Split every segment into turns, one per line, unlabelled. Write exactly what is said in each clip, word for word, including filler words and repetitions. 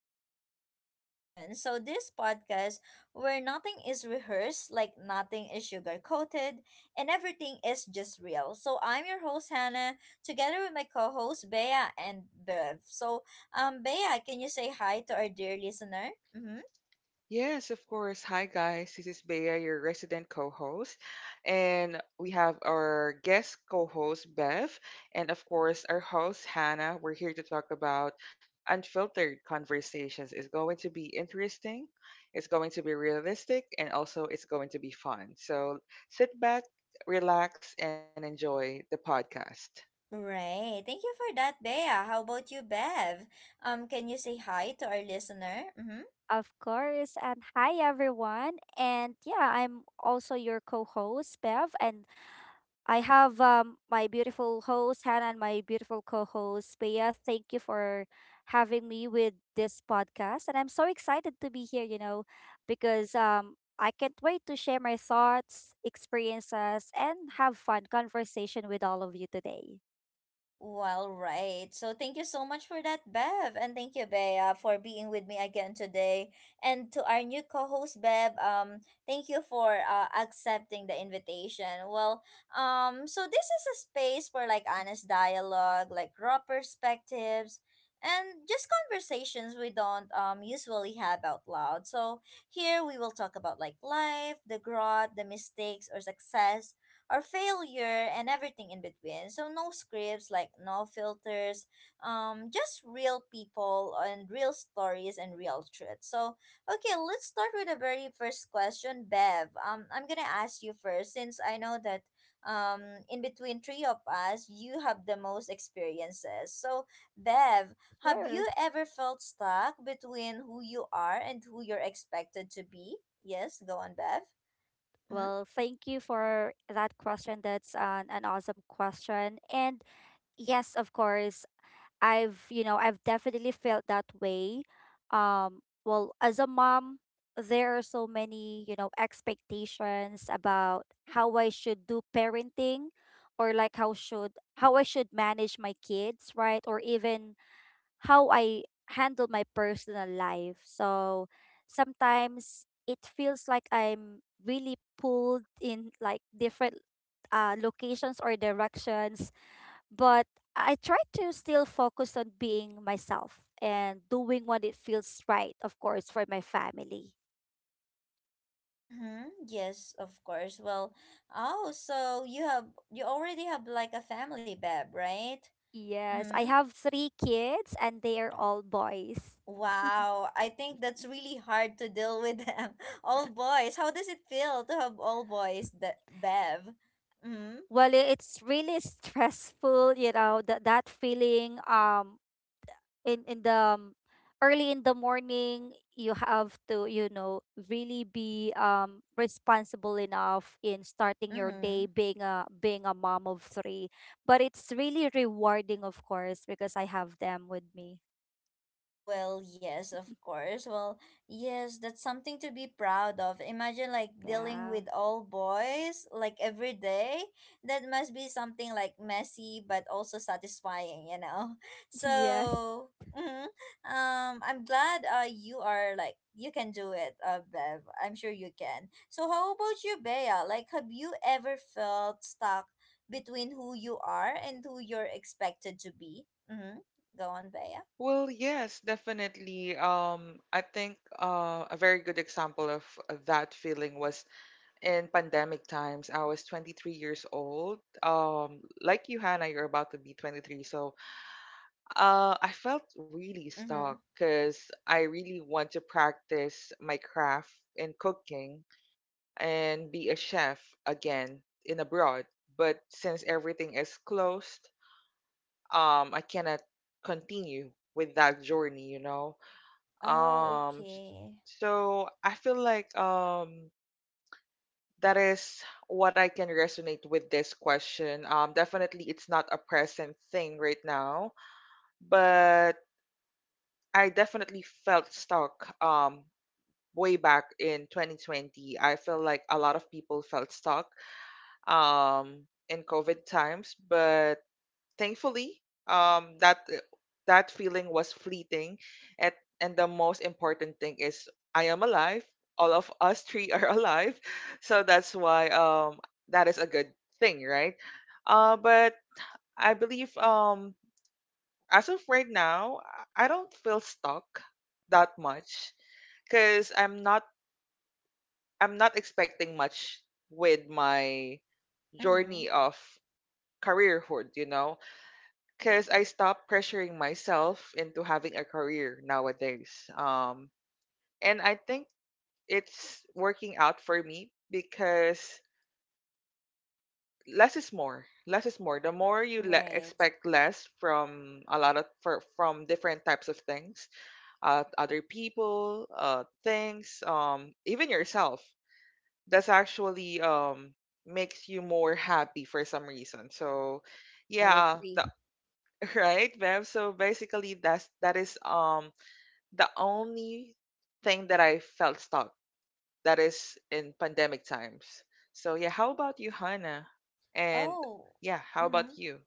Unfiltered Conversation. So, this podcast where nothing is rehearsed, like nothing is sugar coated, and everything is just real. So I'm your host, Hannah, together with my co host, Bea and Bev. So, um, Bea, can you say hi to our dear listener? Mm-hmm.
Yes, of course. Hi, guys. This is Bea, your resident co host. And we have our guest co host, Bev. And of course, our host, Hannah. We're here to talk about unfiltered conversations. It's going to be interesting, it's going to be realistic, and also it's going to be fun. So sit back, relax, and enjoy the podcast.
Right. Thank you for that, Bea. How about you, Bev? Um, can you say hi to our listener? Mm-hmm.
Of course. And hi, everyone. And yeah, I'm also your co host, Bev. And I have um, my beautiful host, Hannah, and my beautiful co host, Bea. Thank you for having me with this podcast. And I'm so excited to be here, you know, because um, I can't wait to share my thoughts, experiences, and have fun conversation with all of you today.
Well, right. So thank you so much for that, Bev. And thank you, Bea, for being with me again today. And to our new co-host, Bev, um, thank you for uh, accepting the invitation. Well, um, so this is a space for like honest dialogue, like raw perspectives, and just conversations we don't um usually have out loud. So here we will talk about like life, the growth, the mistakes or success or failure and everything in between. So no scripts, like no filters, um, just real people and real stories and real truth. So okay, let's start with the very first question, Bev. Um, I'm gonna ask you first since I know that um in between three of us you have the most experiences. So Bev, have
Sure.
you ever felt stuck between who you are and who you're expected to be? Yes, go on, Bev. Mm-hmm.
Well, thank you for that question. That's an, an awesome question. And yes, of course. I've, you know, I've definitely felt that way. Um, well, as a mom, there are so many, you know, expectations about how I should do parenting, or like how should how I should manage my kids, right? Or even how I handle my personal life. So sometimes it feels like I'm really pulled in like different uh, locations or directions, but I try to still focus on being myself and doing what it feels right, of course, for my family.
Mm-hmm. Yes, of course. Well, oh, so you have you already have like a family, Beb, right?
Yes,
Mm-hmm.
I have three kids, and they are all boys.
Wow, I think that's really hard to deal with them. All boys. How does it feel to have all boys, the Bev? Mm-hmm.
Well, i- it's really stressful, you know, that that feeling, um in in the, um, early in the morning, you have to, you know, really be um responsible enough in starting your day,
Mm-hmm.
being a being a mom of three, but it's really rewarding, of course, because I have them with me.
Well, yes, of course. Well, yes, that's something to be proud of. Imagine like dealing
Yeah.
with all boys like every day. That must be something like messy but also satisfying, you know.
Yes.
So, mhm. um I'm glad uh you are like you can do it, uh Bev. I'm sure you can. So, how about you, Bea? Like have you ever felt stuck between who you are and who you're expected to be? Mhm. Go on, Bea.
Well, yes, definitely. Um, I think uh, a very good example of that feeling was in pandemic times. I was twenty-three years old. Um, like you, Hannah, you're about to be twenty-three. So uh, I felt really stuck
Mhm.
because I really want to practice my craft in cooking and be a chef again in abroad. But since everything is closed, um, I cannot continue with that journey, you know.
Oh,
Um,
okay.
so I feel like um that is what I can resonate with this question. Um, definitely, it's not a present thing right now, but I definitely felt stuck. Um, way back in twenty twenty, I feel like a lot of people felt stuck. Um, in COVID times, but thankfully, um, that eh, that feeling was fleeting, and and the most important thing is I am alive. All of us three are alive, so that's why um that is a good thing, right? Uh, but I believe um as of right now, I I don't feel stuck that much because I'm not I'm not expecting much with my
Mm-hmm.
journey of careerhood, you know. Because I
Mm,
stopped pressuring myself into having a career nowadays. Um, and I think it's working out for me because less is more. Less is more. The more you le-
Right.
expect less from a lot of for, from different types of things, uh, other people, uh, things, um, even yourself. That's actually um makes you more happy for some reason. So,
I
yeah,
agree.
the, right, Bev. So basically, that's that is um the only thing that I felt stuck that is in pandemic times. So yeah, how about you, Hannah? And
Oh,
yeah, how
mm-hmm.
about you?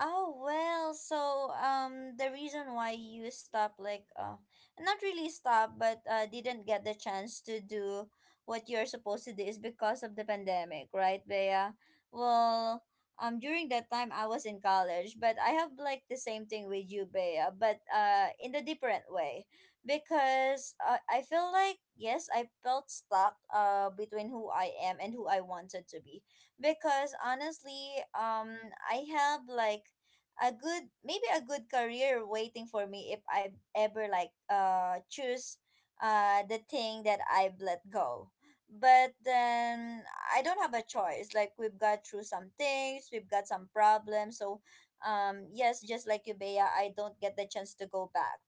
Oh well, so um the reason why you stopped like uh not really stopped but uh didn't get the chance to do what you're supposed to do is because of the pandemic, right, Bea? Well, um During that time I was in college, but I have like the same thing with you, Bea, but uh in a different way because uh, I feel like yes, I felt stuck uh between who I am and who I wanted to be because honestly, um, I have like a good maybe a good career waiting for me if I ever like uh choose uh the thing that I've let go. But then I don't have a choice. Like we've got through some things, we've got some problems. So um yes, just like you Bea, I don't get the chance to go back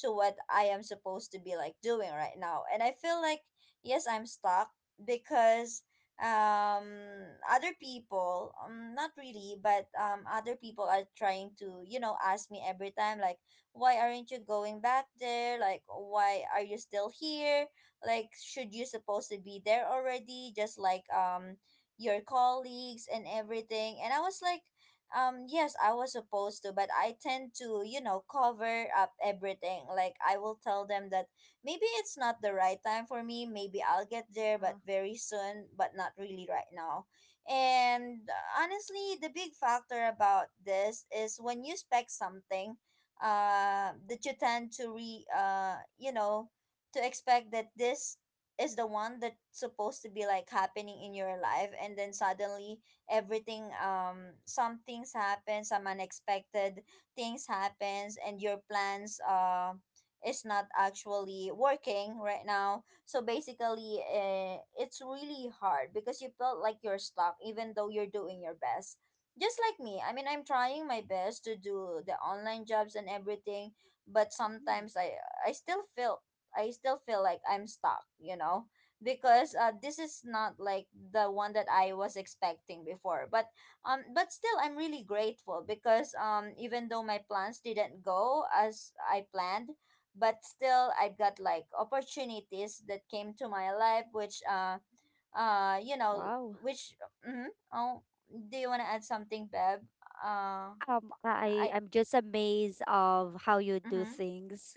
to what I am supposed to be like doing right now. And I feel like yes, I'm stuck because um other people um not really but um other people are trying to, you know, ask me every time like why aren't you going back there, like why are you still here, like should you supposed to be there already, just like um your colleagues and everything, and I was like um yes I was supposed to, but I tend to, you know, cover up everything, like I will tell them that maybe it's not the right time for me. Maybe I'll get there,
uh,
but very soon, but not really right now. And uh, honestly, the big factor about this is when you spec something uh, that you tend to re, uh, you know, to expect that this is the one that's supposed to be like happening in your life, and then suddenly everything um some things happen, some unexpected things happens and your plans uh is not actually working right now. So basically, uh, it's really hard because you felt like you're stuck even though you're doing your best. Just like me, I mean, I'm trying my best to do the online jobs and everything, but
mm.
sometimes I I still feel I still feel like I'm stuck, you know, because uh, this is not like the one that I was expecting before. But um but still I'm really grateful because um even though my plans didn't go as I planned, but still I've got like opportunities that came to my life, which uh uh you know,
Wow.
which mm. Oh, do you want to add something, Bev? Uh
um i
I
i'm just amazed of how you do
Mhm.
things.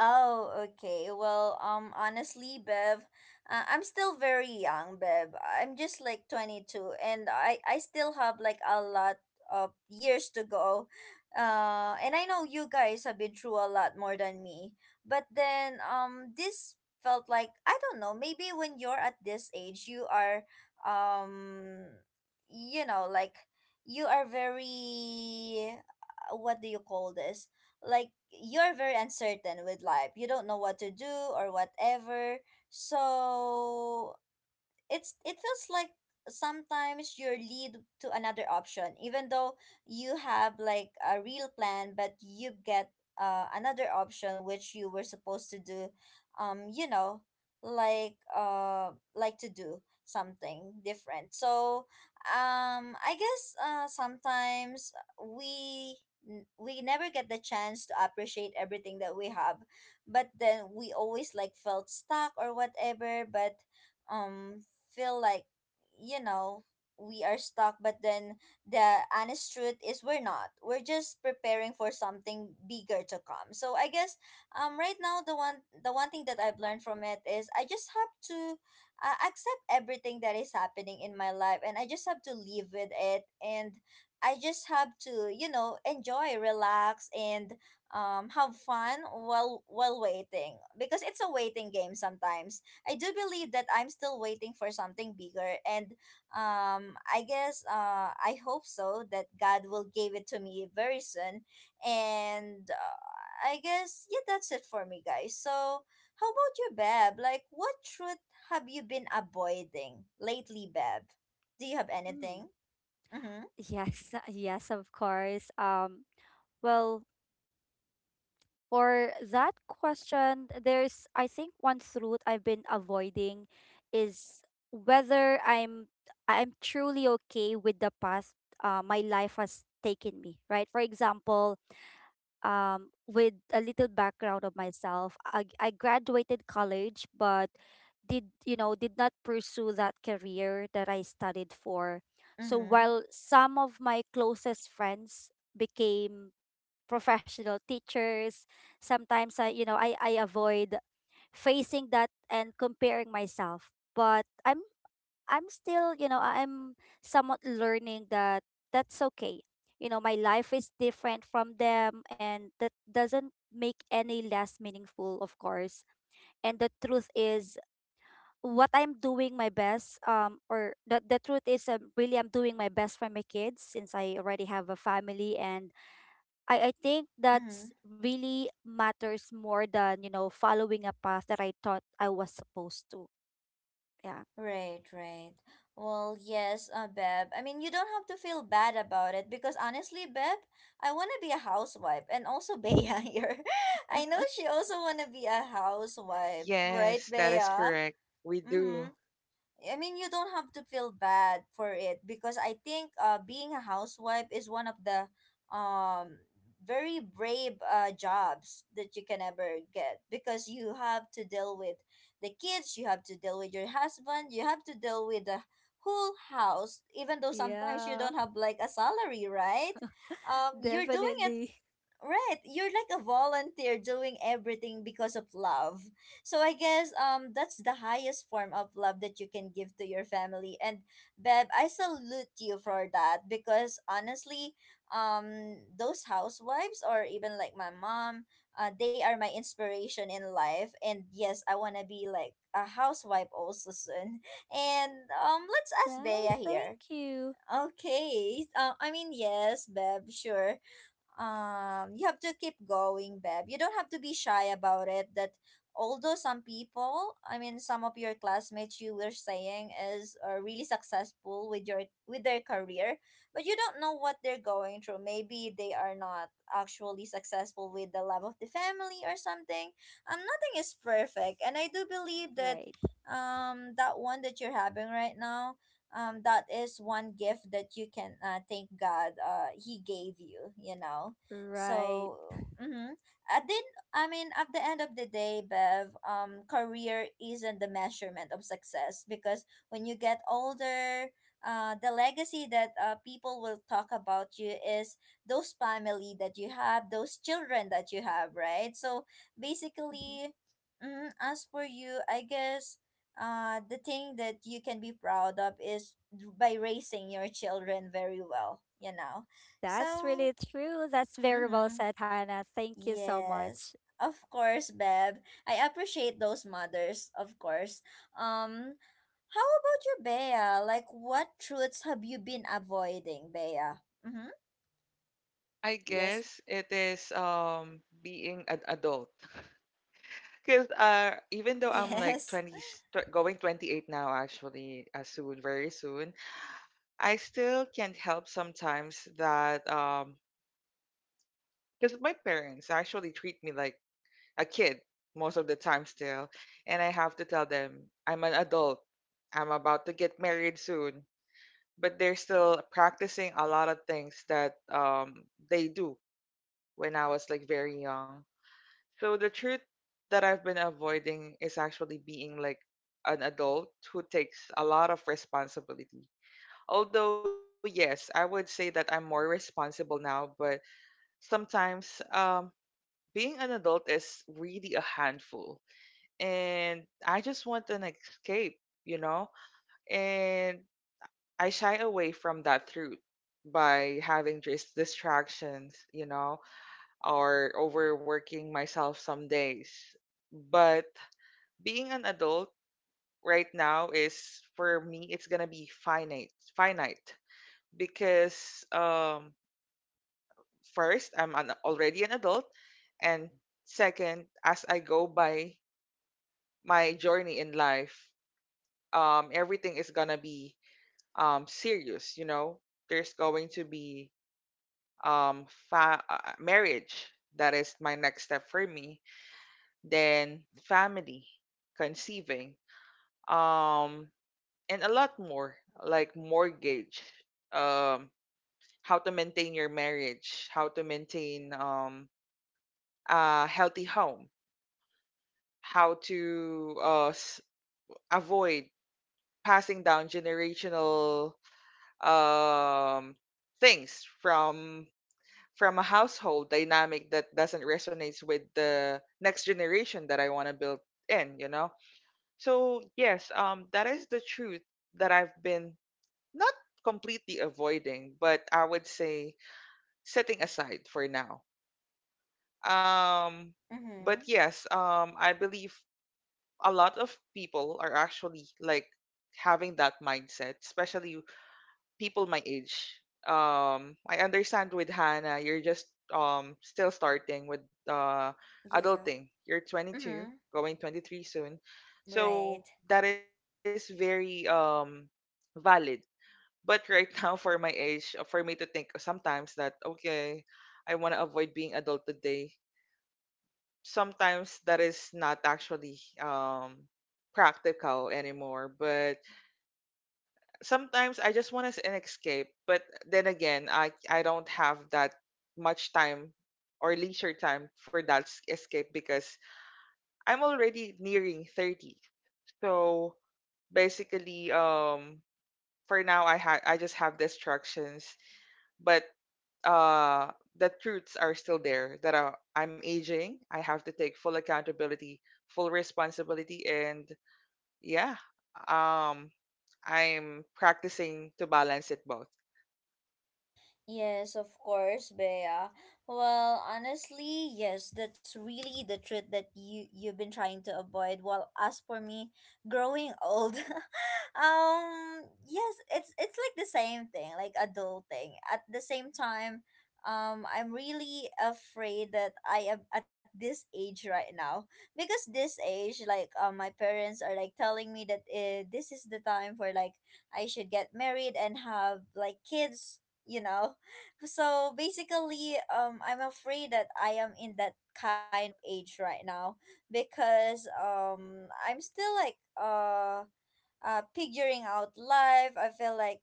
Oh, okay. Well, um, honestly, Bev, uh, I'm still very young, Bev. I'm just like twenty-two, and I I still have like a lot of years to go. Uh, and I know you guys have been through a lot more than me, but then um, this felt like I don't know. Maybe when you're at this age, you are um, you know, like you are very uh, what do you call this? Like you're very uncertain with life. You don't know what to do or whatever. So it's, it feels like sometimes you're lead to another option even though you have like a real plan, but you get uh, another option which you were supposed to do, um you know, like uh like to do something different. So um I guess uh sometimes we n- we never get the chance to appreciate everything that we have, but then we always like felt stuck or whatever, but um feel like, you know, we are stuck, but then the honest truth is we're not, we're just preparing for something bigger to come. So i guess um right now, the one the one thing that I've learned from it is I just have to uh, accept everything that is happening in my life, and I just have to live with it, and I just have to, you know, enjoy, relax, and um have fun while while waiting, because it's a waiting game sometimes. I do believe that I'm still waiting for something bigger, and um, I guess uh, I hope so that God will give it to me very soon. And uh, I guess yeah, that's it for me, guys. So how about you, Beb? Like, what truth have you been avoiding lately, Beb? Do you have
Mm,
anything? Mm-hmm.
yes. Yes, of course. Um well, for that question, there's I think one truth I've been avoiding, is whether I'm I'm truly okay with the path uh, my life has taken me, right? For example, um, with a little background of myself, I, I graduated college, but did you know did not pursue that career that I studied for. So
Mm-hmm.
while some of my closest friends became professional teachers. Sometimes I, you know, I, I avoid facing that and comparing myself. But I'm I'm still, you know, I'm somewhat learning that that's okay. You know, my life is different from them, and that doesn't make any less meaningful, of course. And the truth is what I'm doing my best, um, or the, the truth is, um, really I'm doing my best for my kids, since I already have a family, and I, I think
Mm-hmm.
that's really matters more than, you know, following a path that I thought I was supposed to. Yeah.
Right, right. Well, yes, uh, Beb. I mean, you don't have to feel bad about it because honestly, Beb, I want to be a housewife and also Bea here. I know she also want to be a housewife, right,
Yes, that is
Bea?
correct. We
Mm-hmm.
do.
I mean, you don't have to feel bad for it because I think uh, being a housewife is one of the um, very brave uh, jobs that you can ever get, because you have to deal with the kids, you have to deal with your husband, you have to deal with the whole house, even though sometimes you
Yeah,
don't have like a salary, right? Um, you're doing it.
definitely.
Right, you're like a volunteer doing everything because of love. So I guess um that's the highest form of love that you can give to your family. And Beb, I salute you for that because honestly, um those housewives or even like my mom, uh they are my inspiration in life. And yes, I want to be like a housewife also soon. And um let's ask Bea
Nice.
here.
Thank you.
Okay. Uh, I mean yes, Beb, sure, um you have to keep going, babe. You don't have to be shy about it. That, although some people, I mean some of your classmates you were saying is uh, really successful with your with their career, but you don't know what they're going through. Maybe they are not actually successful with the love of the family or something. Um nothing is perfect, and I do believe that
Right.
um that one that you're having right now, um that is one gift that you can, uh, thank God, uh he gave you, you know.
Right.
So mm-hmm. i did I mean, at the end of the day, Bev, um career isn't the measurement of success, because when you get older, uh, the legacy that uh, people will talk about you is those family that you have, those children that you have, right? So
Mhm.
basically, mm, as for you, I guess uh, the thing that you can be proud of is d- by raising your children very well, you know.
That's
So,
really true. That's very well
mm-hmm,
said, Hannah. Thank you so much.
yes, of course, Beb. I appreciate those mothers, of course. Um, how about you, Bea? Like, what truths have you been avoiding, Bea? Mm-hmm.
I
Yes,
guess it is um being an adult. Because uh, even though I'm like
yes.
twenty, tw- going twenty-eight now, actually, uh, soon, very soon, I still can't help sometimes that um, because my parents actually treat me like a kid most of the time still. And I have to tell them I'm an adult, I'm about to get married soon, but they're still practicing a lot of things that um they do when I was like very young. So the truth that I've been avoiding is actually being like an adult who takes a lot of responsibility. Although yes, I would say that I'm more responsible now, but sometimes um being an adult is really a handful, and I just want an escape, you know? And I shy away from that truth by having just distractions, you know, or overworking myself some days. But being an adult right now is, for me, it's gonna be finite finite because um first, I'm an, already an adult, and second, as I go by my journey in life, um everything is gonna be um serious you know There's going to be um fa- uh, uh, marriage, that is my next step for me, then family, conceiving, um and a lot more like mortgage, um how to maintain your marriage, how to maintain um a healthy home, how to uh s- avoid passing down generational um, things from from a household dynamic that doesn't resonate with the next generation that I want to build in, you know? So, yes, um, that is the truth that I've been not completely avoiding, but I would say setting aside for now. Um,
Mm-hmm.
but yes, um, I believe a lot of people are actually like having that mindset, especially people my age. Um, I understand with Hannah, you're just um still starting with uh
Yeah.
adulting. You're twenty-two,
Mm-hmm.
going twenty-three soon,
Right.
so that is very um valid. But right now, for my age, uh, for me to think sometimes that okay, I want to avoid being adult today. Sometimes that is not actually um practical anymore, but sometimes I just want us an escape, but then again, I I don't have that much time or leisure time for that s- escape because I'm already nearing thirty. So basically um for now, I ha- I just have distractions, but uh the truths are still there that uh, I'm aging. I have to take full accountability, full responsibility, and yeah, um I'm practicing to balance it both.
Yes, of course, Bea. Well, honestly, yes, that's really the truth that you you've been trying to avoid. Well, as for me, growing old, um, yes, it's it's like the same thing, like adulting. At the same time, um, I'm really afraid that I am at this age right now because this age, like, um, my parents are like telling me that uh, this is the time for like I should get married and have like kids. You know, so basically um I'm afraid that I am in that kind of age right now because um I'm still like uh uh, figuring out life. I feel like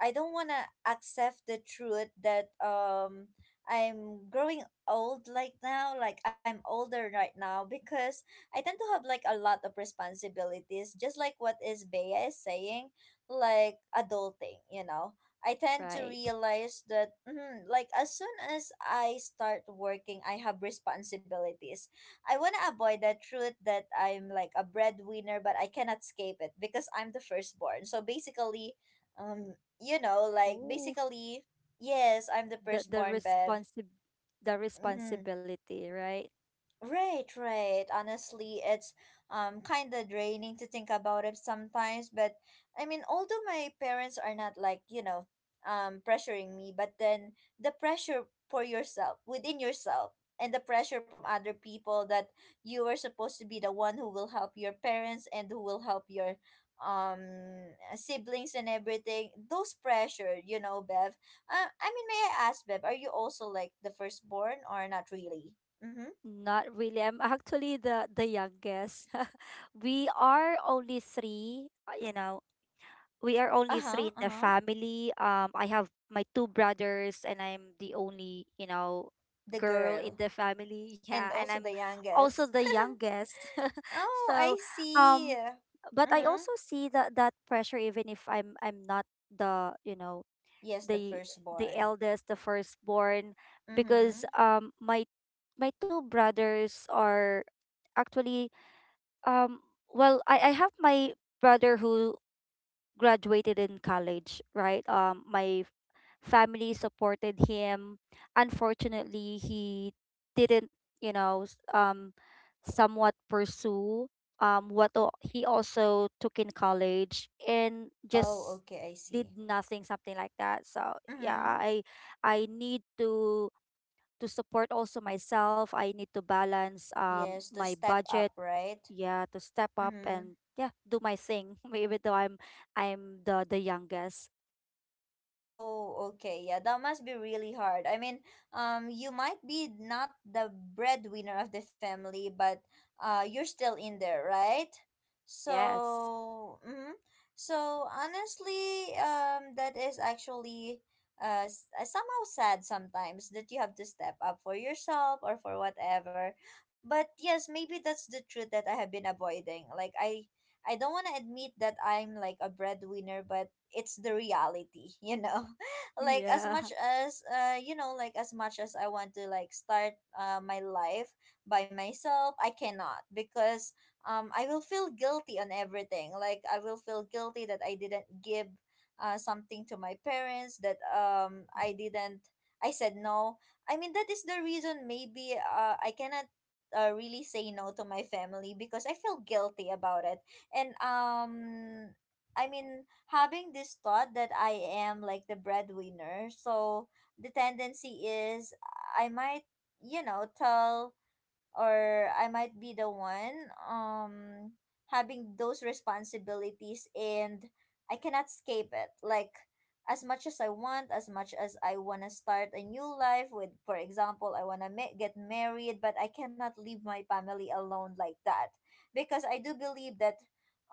I don't want to accept the truth that um, I'm growing old like now, like I'm older right now because I tend to have like a lot of responsibilities, just like what is Bea is saying, like adulting, you know. I tend to
Right.
realize that mm, like as soon as I start working, I have responsibilities. I want to avoid the truth that I'm like a breadwinner, but I cannot escape it because I'm the firstborn. So basically, um, you know, like
Oh,
basically, yes, I'm the
the the
firstborn, Bev.
responsi the
Mm-hmm.
responsibility, right?
Right, right. Honestly, it's um kind of draining to think about it sometimes, but I mean, although my parents are not like, you know, um pressuring me, but then the pressure for yourself, within yourself, and the pressure from other people that you are supposed to be the one who will help your parents and who will help your um siblings and everything. Those pressure, you know, Bev. Uh, I mean, may I ask, Bev, are you also like the firstborn or not really? Mhm.
Not really. I'm actually the the youngest. We are only three. Uh, You know, we are only
Uh-huh,
three in the
uh-huh.
family. Um, I have my two brothers, and I'm the only you know
The
girl in
girl.
the family.
And
Yeah, and
also
I'm
the
also
youngest.
the youngest.
Oh,
So,
I see.
um, but I
Mm-hmm.
also see that that pressure, even if I'm I'm not the you know
Yes, the
the the
firstborn.
eldest, the firstborn,
Mm-hmm.
because um my my two brothers are actually, um well, I I have my brother who graduated in college, right? Um, my f- family supported him. Unfortunately, he didn't, you know, s- um, somewhat pursue um what al- he also took in college, and
Oh,
just
okay, I see.
did nothing, something like that. So yeah,
Mm-hmm.
I I need to to support also myself. I need to balance
Yes,
um
to
my
step up,
budget.
right?
Yeah, to step up,
Mm-hmm.
and yeah, do my thing. Even though i'm i'm the the youngest.
Oh, okay. Yeah, that must be really hard. I mean, um, you might be not the breadwinner of the family, but uh, you're still in there, right?
Yes.
So, mm-hmm. So honestly, um, that is actually uh, s- uh, somehow sad sometimes that you have to step up for yourself or for whatever. But yes, maybe that's the truth that I have been avoiding. Like I, I don't want to admit that I'm like a breadwinner, but it's the reality, you know. Like as
Yeah.
much as uh you know like as much as I want to like start uh, my life by myself, I cannot because um I will feel guilty on everything. Like I will feel guilty that I didn't give uh, something to my parents, that um
Mhm.
I didn't, I said no. I mean, that is the reason maybe uh, I cannot uh, really say no to my family because I feel guilty about it. And um I mean, having this thought that I am like the breadwinner. So the tendency is I might, you know, tell, or I might be the one um having those responsibilities, and I cannot escape it. Like as much as I want, as much as I want to start a new life with, for example, I want to ma- get married, but I cannot leave my family alone like that, because I do believe that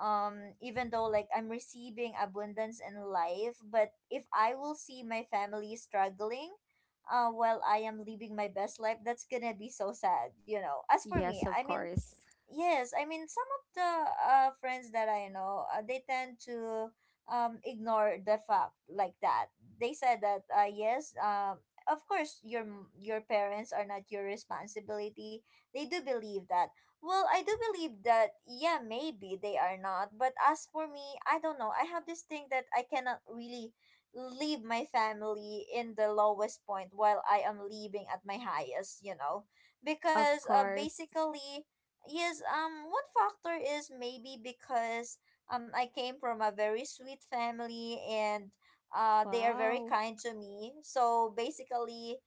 um even though like I'm receiving abundance in life, but if I will see my family struggling, uh, well, I am living my best life, that's gonna be so sad, you know. As for me,
Yes,
I
of
mean,
course.
yes, I mean some of the uh, friends that I know, uh, they tend to um, ignore the fact like that. They said that uh, yes, um, of course your m- your parents are not your responsibility. They do believe that. Well, I do believe that. Yeah, maybe they are not. But as for me, I don't know. I have this thing that I cannot really leave my family in the lowest point while I am leaving at my highest. You know,
Of
because uh,
course.
basically yes, um, one factor is maybe because um I came from a very sweet family, and uh they are very
Wow.
kind to me. So basically,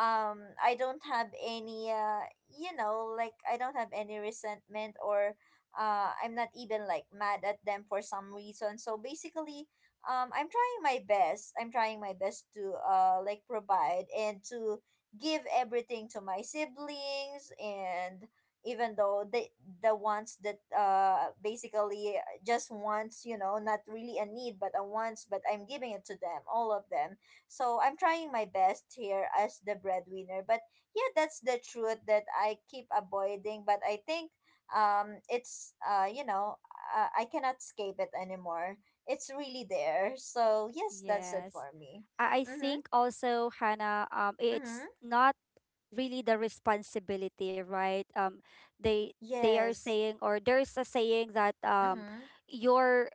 um I don't have any uh you know, like I don't have any resentment or uh I'm not even like mad at them for some reason. So basically, um I'm trying my best. I'm trying my best to uh like provide and to give everything to my siblings, and even though the the ones that uh basically just wants, you know, not really a need but a wants, but I'm giving it to them, all of them. So I'm trying my best here as the breadwinner, but yeah, that's the truth that I keep avoiding. But I think um it's uh you know uh, I cannot escape it anymore. It's really there. So yes, that's it
Yes.
for me.
I, I
Mm-hmm.
think also, Hannah, um it's
Mm-hmm.
not really the responsibility, right? um they they are
Yes.
saying, or there's a saying that um
Mm-hmm.
your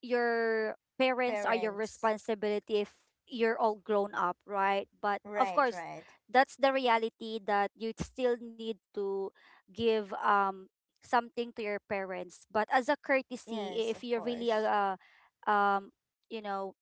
your parents are your
Parents.
responsibility if you're all grown up, right? But of
Right,
course,
right.
that's the reality that you still need to give um something to your parents. But as a courtesy, i-
Yes,
if
of
you're really a,
course.
a um you know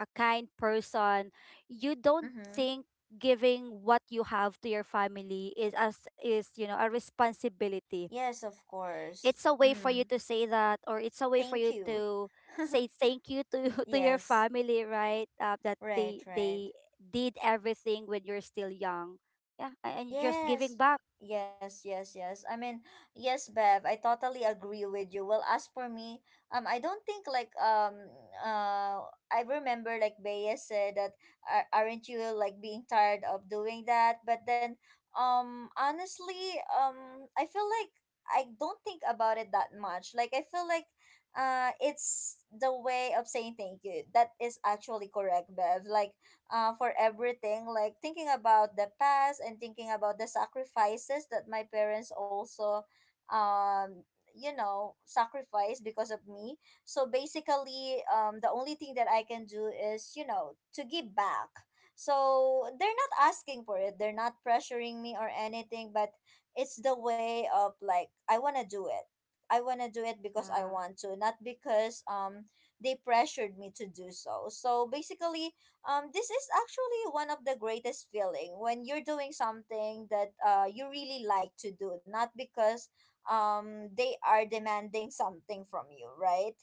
a kind person, you don't
Mm-hmm.
think giving what you have to your family is, as is, you know a responsibility.
Yes, of
It's
course.
a way for you
Mm,
to say that, or it's a way for you
thank you.
to say thank you to to your
Yes,
family, right? Uh, that
right,
they
right.
they did everything when you're still young, yeah, a- and you're just giving
Yes,
back.
yes, yes, yes. I mean, yes, Bev, I totally agree with you. Well, as for me, um, I don't think like um uh I remember like Bea said that, "Ar- aren't you like being tired of doing that?" But then, um, honestly, um, I feel like I don't think about it that much. Like I feel like uh it's the way of saying thank you. That is actually correct, Bev. Like uh, for everything, like thinking about the past and thinking about the sacrifices that my parents also, um, you know, sacrificed because of me. So basically, um, the only thing that I can do is, you know, to give back. So they're not asking for it, they're not pressuring me or anything, but it's the way of like, I want to do it. I want to do it because I
Yeah.
want to, not because um they pressured me to do so. So basically, um, this is actually one of the greatest feeling when you're doing something that uh you really like to do, not because um they are demanding something from you, right?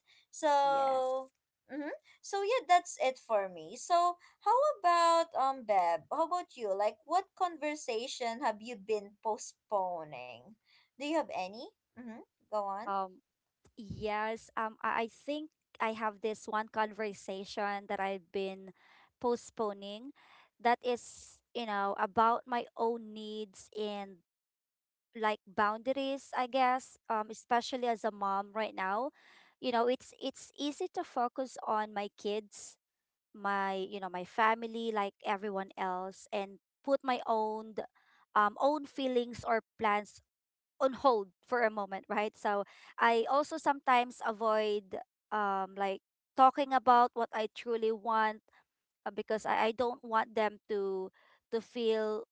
Yes.
So mm-hmm. So yeah, that's it for me. So how about um Beb? How about you? Like what conversation have you been postponing? Do you have any? Mm-hmm. Go on.
um yes, um i I think I have this one conversation that I've been postponing, that is, you know about my own needs, and like boundaries, I guess, um, especially as a mom right now. You know, it's it's easy to focus on my kids, my you know my family, like everyone else, and put my own um, own feelings or plans on hold for a moment, right? So I also sometimes avoid, um, like, talking about what I truly want, uh, because I, I don't want them to to feel,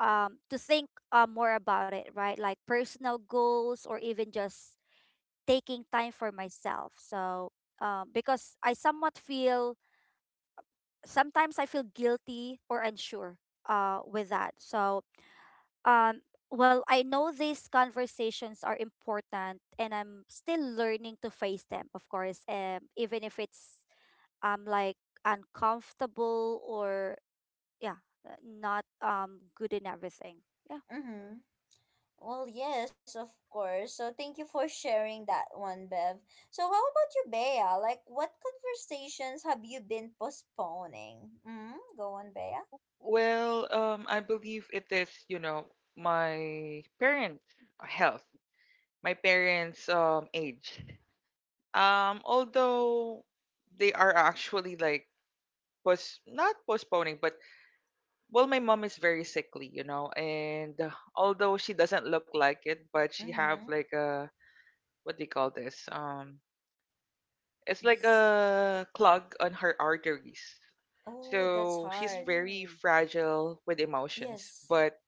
um to think, uh, more about it, right? Like personal goals, or even just taking time for myself. So um, because I somewhat feel, sometimes I feel guilty or unsure uh, with that. So um, well, I know these conversations are important, and I'm still learning to face them, of course, um, even if it's, um, like, uncomfortable, or yeah, uh, not um, good in everything. Yeah.
Mm-hmm. Well, yes, of course. So thank you for sharing that one, Bev. So how about you, Bea? Like, what conversations have you been postponing? Mm-hmm. Go on, Bea.
Well, um, I believe it is, you know, my parents' health, my parents' um age. Um, although they are actually like was not postponing, but well, my mom is very sickly, you know, and uh, although she doesn't look like it, but she
Mm-hmm.
have like a what do you call this? Um, it's like
This.
a clog on her arteries.
Oh, that's
So she's
hard.
very fragile with emotions,
Yes.
but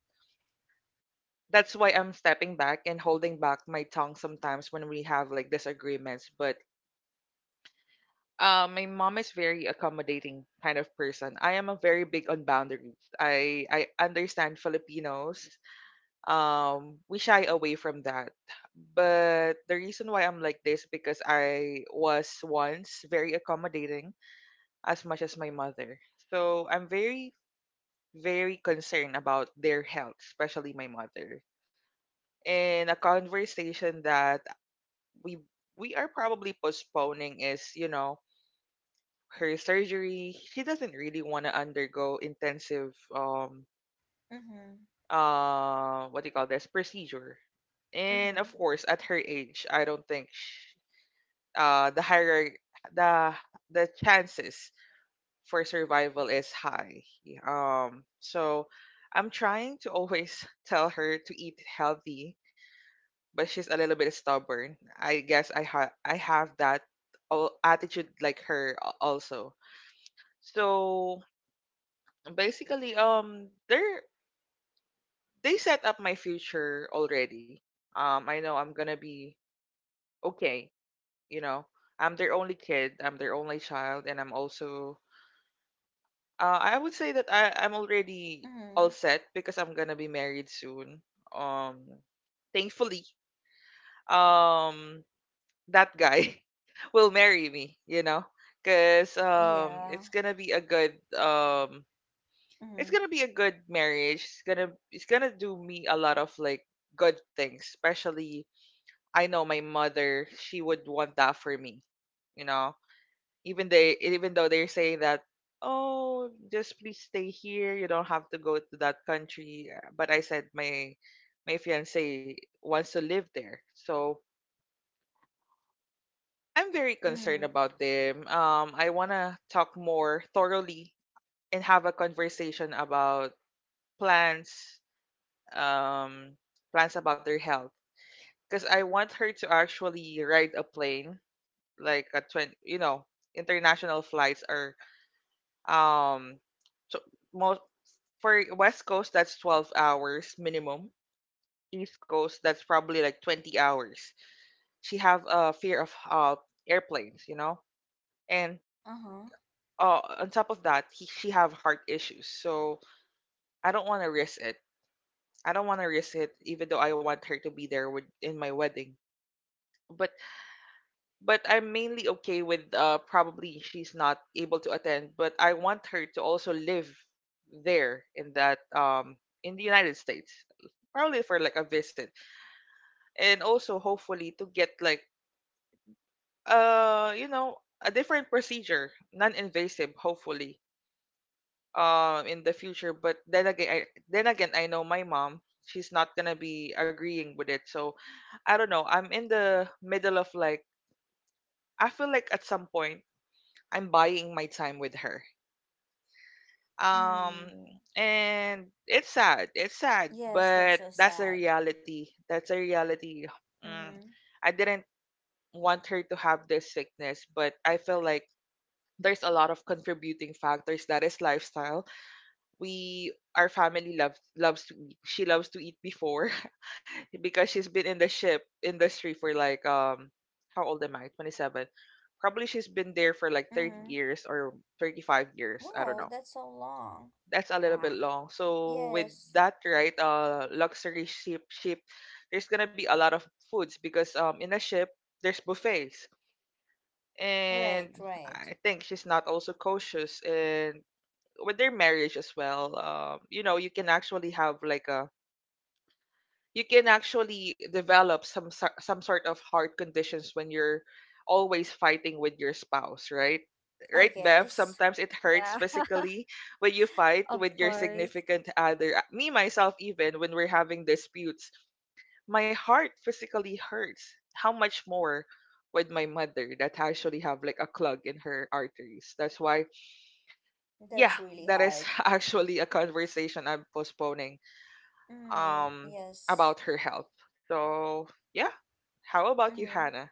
that's why I'm stepping back and holding back my tongue sometimes when we have like disagreements. But uh, my mom is very accommodating kind of person. I am a very big on boundaries. I I understand Filipinos. Um, we shy away from that. But the reason why I'm like this because I was once very accommodating as much as my mother. So I'm very very concerned about their health, especially my mother, in a conversation that we we are probably postponing is you know her surgery. She doesn't really want to undergo intensive um
Mm-hmm.
uh what do you call this procedure? And
Mm-hmm.
of course, at her age, I don't think sh uh the higher the the chances for survival is high. Um so I'm trying to always tell her to eat healthy, but she's a little bit stubborn. I guess I have I have that al- attitude like her a- also. So basically, um, they they set up my future already. Um, I know I'm gonna be okay. You know, I'm their only kid. I'm their only child, and I'm also. Uh, I would say that I I'm already
Mm-hmm.
all set because I'm gonna be married soon. Um, thankfully. Um, that guy will marry me, you know? Cause um
Yeah.
it's gonna be a good um
Mm-hmm.
it's gonna be a good marriage. It's gonna it's gonna do me a lot of like good things, especially I know my mother, she would want that for me. You know? Even they even though they're saying that, oh, just please stay here, you don't have to go to that country. But I said my my fiance wants to live there. So I'm very concerned
Mm-hmm.
about them. Um, I want to talk more thoroughly and have a conversation about plans, um, plans about their health. Because I want her to actually ride a plane, like a twenty, you know, international flights are um, so most for West Coast that's twelve hours minimum. East Coast that's probably like twenty hours. She have a fear of uh airplanes, you know, and
Uh-huh.
uh, on top of that, he, she have heart issues. So I don't want to risk it. I don't want to risk it, even though I want her to be there with, in my wedding. But but I'm mainly okay with uh, probably she's not able to attend. But I want her to also live there in that um in the United States, probably for like a visit, and also hopefully to get like uh you know a different procedure, non-invasive, hopefully um in the future. But then again I, then again I know my mom, she's not gonna be agreeing with it. So I don't know, I'm in the middle of, like, I feel like at some point I'm buying my time with her, um
Mm.
and it's sad, it's sad,
Yes, that's
but
so
that's a
sad.
reality, that's a reality. mm,
Mm-hmm.
I didn't want her to have this sickness, but I feel like there's a lot of contributing factors that is lifestyle. We our family loves loves to eat. She loves to eat before because she's been in the ship industry for like um how old am I? twenty-seven. Probably she's been there for like thirty
Mm-hmm.
years or thirty-five years. I don't
Whoa,
know.
that's so long.
That's a little
Yeah.
bit long. So with
Yes.
that, right, uh luxury ship ship there's going to be a lot of foods because um in a ship there's buffets, and
Right, right.
I think she's not also cautious and with their marriage as well. Um you know you can actually have like a you can actually develop some sor- some sort of heart conditions when you're always fighting with your spouse. Right,
I
right, Bev,
guess.
sometimes it hurts
Yeah.
physically when you fight
Of
with your
course.
significant other. Uh, me myself, even when we're having disputes, my heart physically hurts. How much more with my mother that actually have like a clog in her arteries? That's why, yeah,
That's really
that is
hard.
actually a conversation I'm postponing
Mm,
um
yes.
about her health. So, yeah. How about you,
Mm-hmm.
Hannah?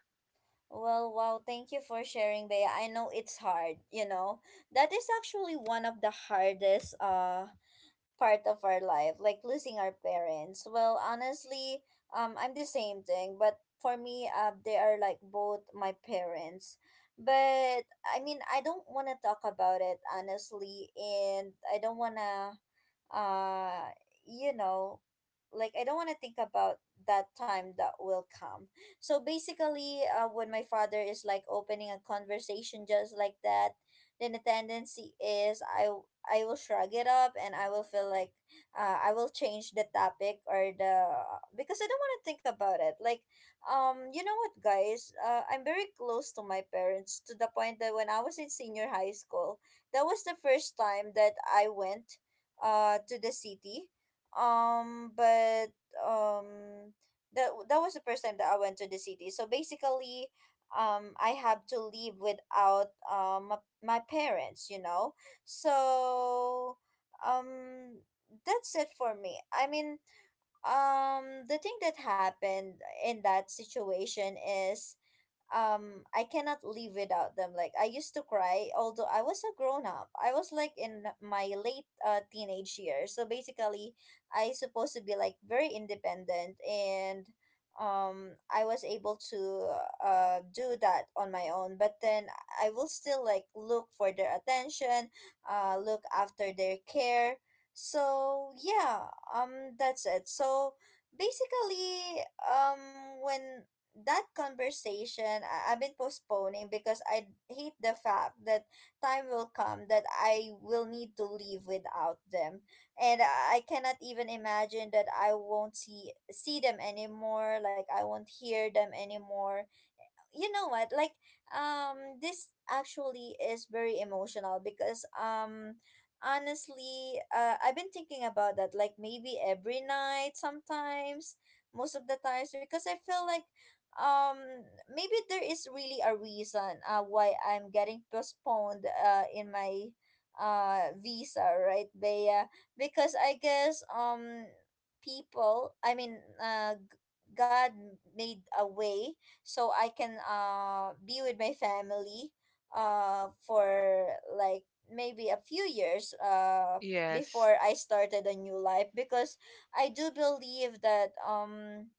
Well, wow, thank you for sharing, Bea. I know it's hard, you know. That is actually one of the hardest uh part of our life, like losing our parents. Well, honestly, um I'm the same thing, but for me, uh they are like both my parents. But I mean, I don't want to talk about it honestly, and I don't want to uh you know like I don't want to think about that time that will come. So basically, uh, when my father is like opening a conversation just like that, then the tendency is i w- I will shrug it up, and I will feel like uh, I will change the topic or the, because I don't want to think about it. Like um you know what, guys, uh, I'm very close to my parents, to the point that when I was in senior high school, that was the first time that I went uh to the city, um but um that that was the first time that I went to the city. So basically, um I have to leave without um my, my parents, you know. So um that's it for me. I mean, um the thing that happened in that situation is um I cannot live without them. Like I used to cry, although I was a grown up. I was like in my late uh, teenage years. So basically, I supposed to be like very independent, and um I was able to uh do that on my own. But then I will still like look for their attention, uh look after their care. So yeah, um that's it. So basically um when that conversation I, I've been postponing because I hate the fact that time will come that I will need to leave without them. And I cannot even imagine that I won't see see them anymore, like I won't hear them anymore, you know what, like um this actually is very emotional because um honestly, uh, I've been thinking about that like maybe every night sometimes, most of the times, because I feel like um maybe there is really a reason uh, why I'm getting postponed uh in my uh visa, right? they uh, Because I guess um people, I mean, uh g- God made a way so I can uh be with my family uh for like maybe a few years uh
Yes.
before I started a new life, because I do believe that um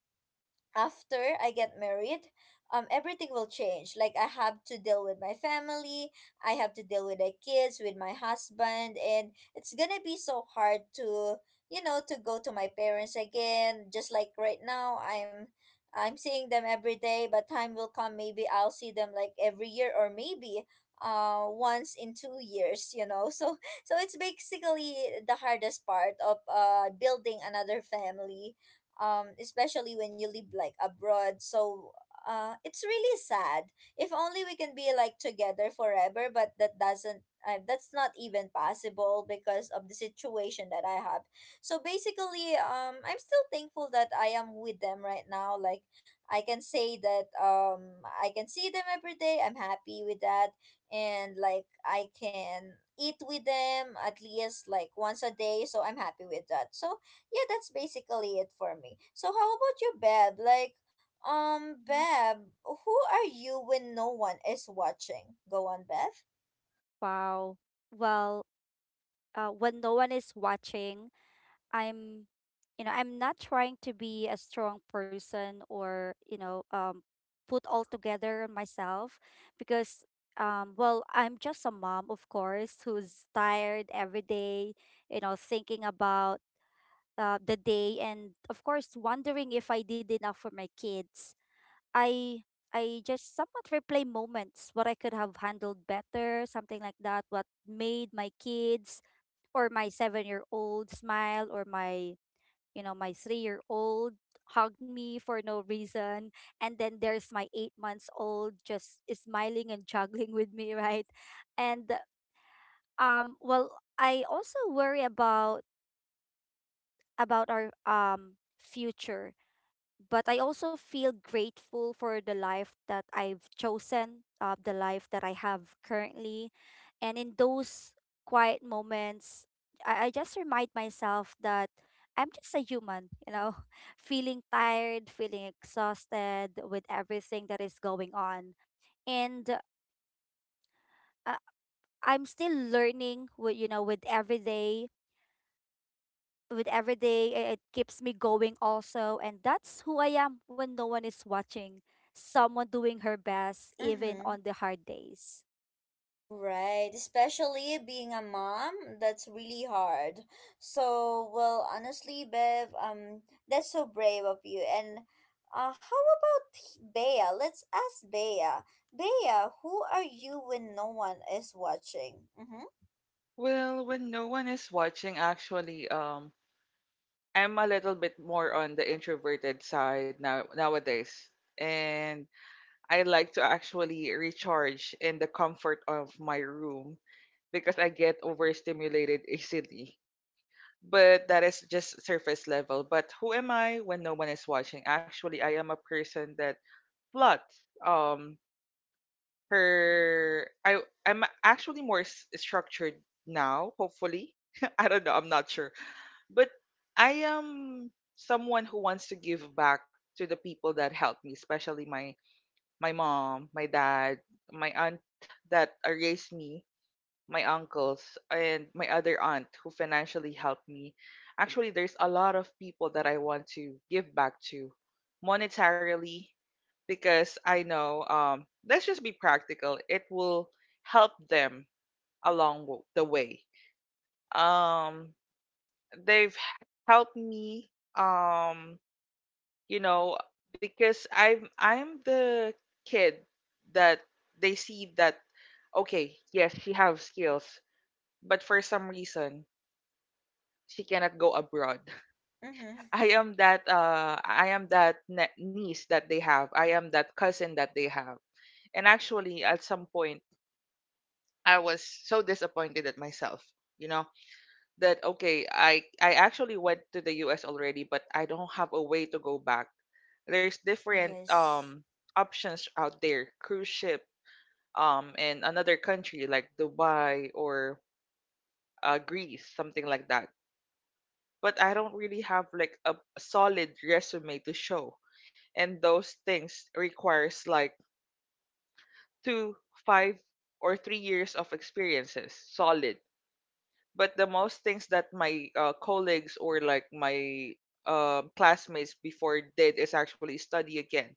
after I get married, um, everything will change. Like I have to deal with my family, I have to deal with the kids, with my husband, and it's gonna be so hard to, you know, to go to my parents again. Just like right now, I'm, I'm seeing them every day, but time will come. Maybe I'll see them like every year, or maybe, uh, once in two years. You know, so so it's basically the hardest part of uh building another family, um, especially when you live like abroad. So uh it's really sad. If only we can be like together forever, but that doesn't uh, that's not even possible because of the situation that I have. So basically, um, I'm still thankful that I am with them right now. Like, I can say that, um, I can see them every day. I'm happy with that. And like, I can eat with them at least like once a day, so I'm happy with that. So yeah, that's basically it for me. So how about you, Beb? Like, um,
Mhm.
Beb, who are you when no one is watching? Go on, Beth.
Wow. Well, uh, when no one is watching, I'm, you know, I'm not trying to be a strong person, or, you know, um, put all together on myself, because, um, well, I'm just a mom, of course, who's tired every day, you know, thinking about, uh, the day, and, of course, wondering if I did enough for my kids. I I just somewhat replay moments what I could have handled better, something like that, what made my kids or my seven-year-old smile, or my, you know, my three-year-old hug me for no reason, and then there's my eight months old just smiling and juggling with me, right? And um well, I also worry about about our um future, but I also feel grateful for the life that I've chosen, uh, the life that I have currently. And in those quiet moments, I, I just remind myself that I'm just a human, you know, feeling tired, feeling exhausted with everything that is going on. And uh, I'm still learning, with, you know, with every day. With every day, i- it keeps me going also, and that's who I am when no one is watching. Someone doing her best even
Mm-hmm.
on the hard days.
Right, especially being a mom, that's really hard. So, well, honestly, Bev, um, that's so brave of you. And uh, how about Bea? Let's ask Bea. Bea, who are you when no one is watching? Mm-hmm.
Well, when no one is watching, actually, um, I'm a little bit more on the introverted side now nowadays. And I like to actually recharge in the comfort of my room because I get overstimulated easily. But that is just surface level. But who am I when no one is watching? Actually, I am a person that plots. Um, her, I, I'm actually more s- structured now. Hopefully, I don't know. I'm not sure, but I am someone who wants to give back to the people that helped me, especially my my mom, my dad, my aunt that uh, raised me, my uncles, and my other aunt who financially helped me. Actually, there's a lot of people that I want to give back to monetarily because I know, um, let's just be practical, it will help them along w- the way. Um, they've h- helped me, um, you know, because I'm I'm the kid that they see that okay, yes, she have skills, but for some reason she cannot go abroad.
Mm-hmm.
I am that uh I am that ne- niece that they have. I am that cousin that they have. And actually at some point I was so disappointed at myself, you know, that okay, I I actually went to the U S already, but I don't have a way to go back. There's different
Yes.
um options out there, cruise ship um in another country like Dubai or uh, Greece, something like that. But I don't really have like a a solid resume to show. And those things requires like two, five or three years of experiences solid. But the most things that my uh, colleagues or like my um, classmates before did is actually study again.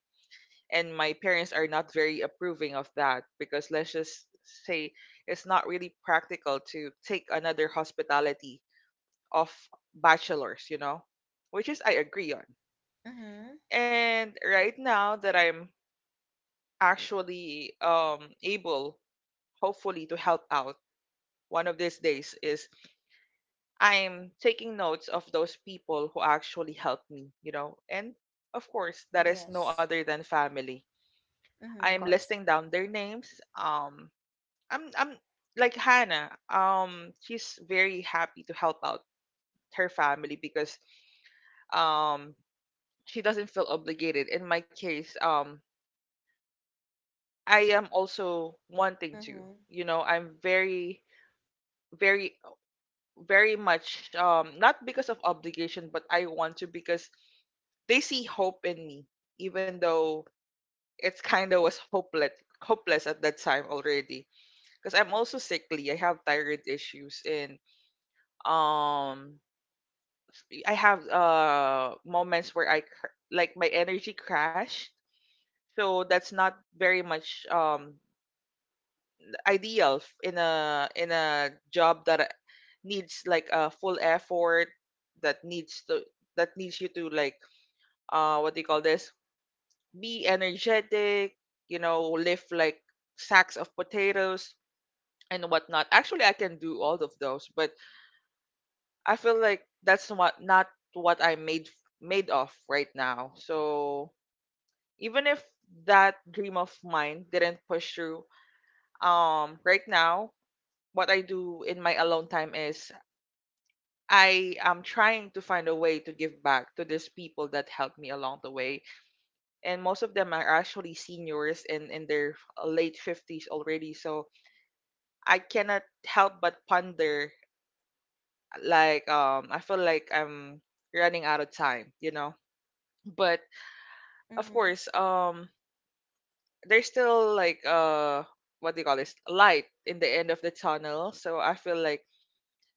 And my parents are not very approving of that because let's just say it's not really practical to take another hospitality of bachelors, you know, which is I agree on.
Mm-hmm.
And right now that I'm actually um, able, hopefully, to help out one of these days is I'm taking notes of those people who actually helped me, you know. And of course, that is no
Yes.
other than family. I
Of
am
Mm-hmm.
course.
listing down their names. Um, I'm I'm like Hannah. Um, she's very happy to help out her family because um she doesn't feel obligated. In my case, um, I am also wanting to.
Mm-hmm.
You know, I'm very, very, very much um not because of obligation, but I want to because they see hope in me, even though it's kind of was hopeless, hopeless at that time already. Because I'm also sickly. I have thyroid issues, and um, I have uh moments where I cr- like my energy crash. So that's not very much um ideal f- in a in a job that uh, needs like a full effort that needs to that needs you to like uh what do you call this, be energetic, you know, lift like sacks of potatoes and whatnot. Actually I can do all of those, but I feel like that's what not what i made made of right now. So even if that dream of mine didn't push through, um right now what I do in my alone time is I am trying to find a way to give back to these people that helped me along the way. And most of them are actually seniors and in their late fifties already. So I cannot help but ponder, like, um, I feel like I'm running out of time, you know? But of
Mm-hmm.
course, um, there's still like, uh, what do you call this? Light in the end of the tunnel. So I feel like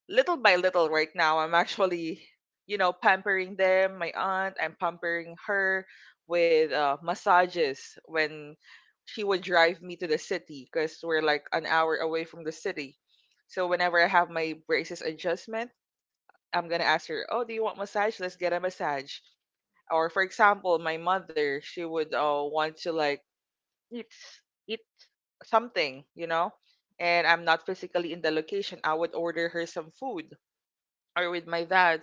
little by little right now I'm actually, you know, pampering them. My aunt, I'm pampering her with uh, massages when she would drive me to the city because we're like an hour away from the city. So whenever I have my braces adjustment, I'm gonna ask her, oh, do you want massage, let's get a massage. Or for example my mother, she would uh, want to like eat something, you know, and I'm not physically in the location, I would order her some food. Or with my dad,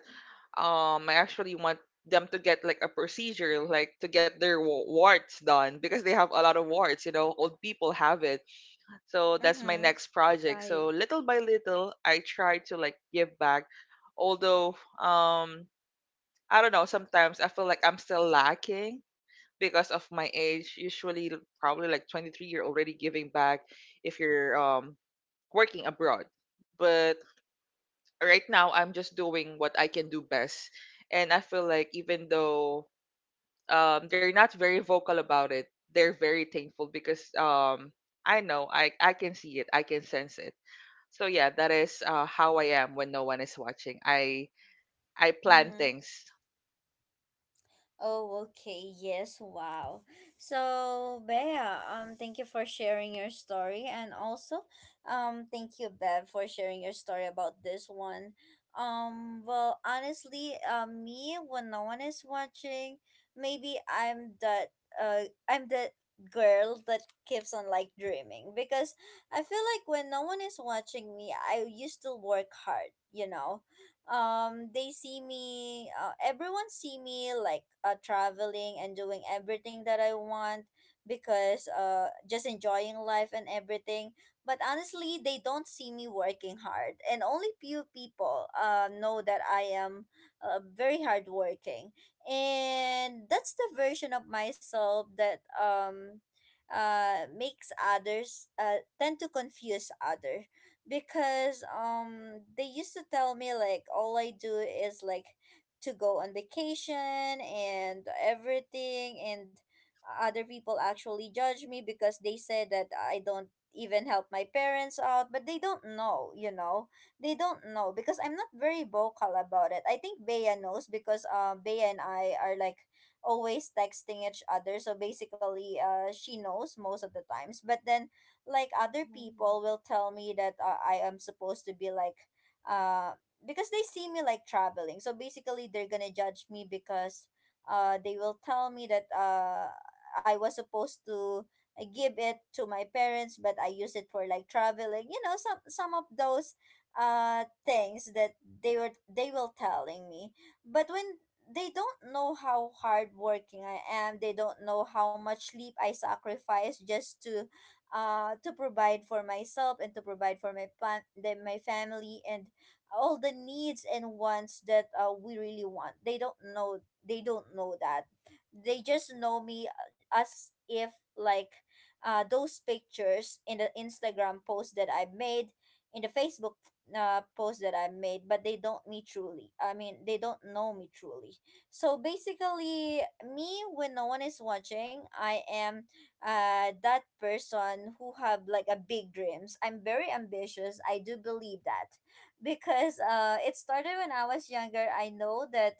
um I actually want them to get like a procedure, like to get their wa- warts done because they have a lot of warts, you know, old people have it. So that's my
Mm-hmm.
next project.
Right.
So little by little I try to like give back. Although um I don't know, sometimes I feel like I'm still lacking because of my age. Usually l- probably like twenty-three you're already giving back if you're um working abroad. But right now I'm just doing what I can do best. And I feel like even though um, they're not very vocal about it, they're very thankful because um, I know I, I can see it, I can sense it. So yeah, that is uh, how I am when no one is watching. I I plan
Mm-hmm.
things.
Oh, okay. Yes. Wow. So, Bea, um, thank you for sharing your story, and also, um, thank you, Bev, for sharing your story about this one. Um, well, honestly, uh, me when no one is watching, maybe I'm that uh, I'm that girl that keeps on like dreaming because I feel like when no one is watching me, I used to work hard. You know, um, they see me, uh, everyone see me like, uh, traveling and doing everything that I want, because uh just enjoying life and everything. But honestly, they don't see me working hard, and only few people uh know that I am, uh, very hardworking. And that's the version of myself that, um uh makes others uh tend to confuse other, because, um, they used to tell me like all I do is like to go on vacation and everything. And other people actually judge me because they say that I don't even help my parents out, but they don't know, you know. They don't know, because I'm not very vocal about it. I think Bea knows because, uh, Bea and I are like always texting each other. So basically, uh, she knows most of the times. But then, like, other
Mm.
people will tell me that, uh, I am supposed to be like, uh, because they see me like traveling. So basically they're going to judge me because, uh, they will tell me that, uh, I was supposed to, uh, give it to my parents, but I use it for like traveling. You know, some some of those, uh, things that they were they will telling me. But when they don't know how hardworking I am. They don't know how much sleep I sacrifice just to, uh, to provide for myself and to provide for my fam- the, my family and all the needs and wants that, uh, we really want. They don't know. They don't know that. They just know me, uh, as if like, uh, those pictures in the Instagram post that I made, in the Facebook, uh, post that I made, but they don't me truly. I mean, they don't know me truly. So basically, me when no one is watching, I am, uh that person who have like a big dreams. I'm very ambitious. I do believe that because, uh, it started when I was younger. I know that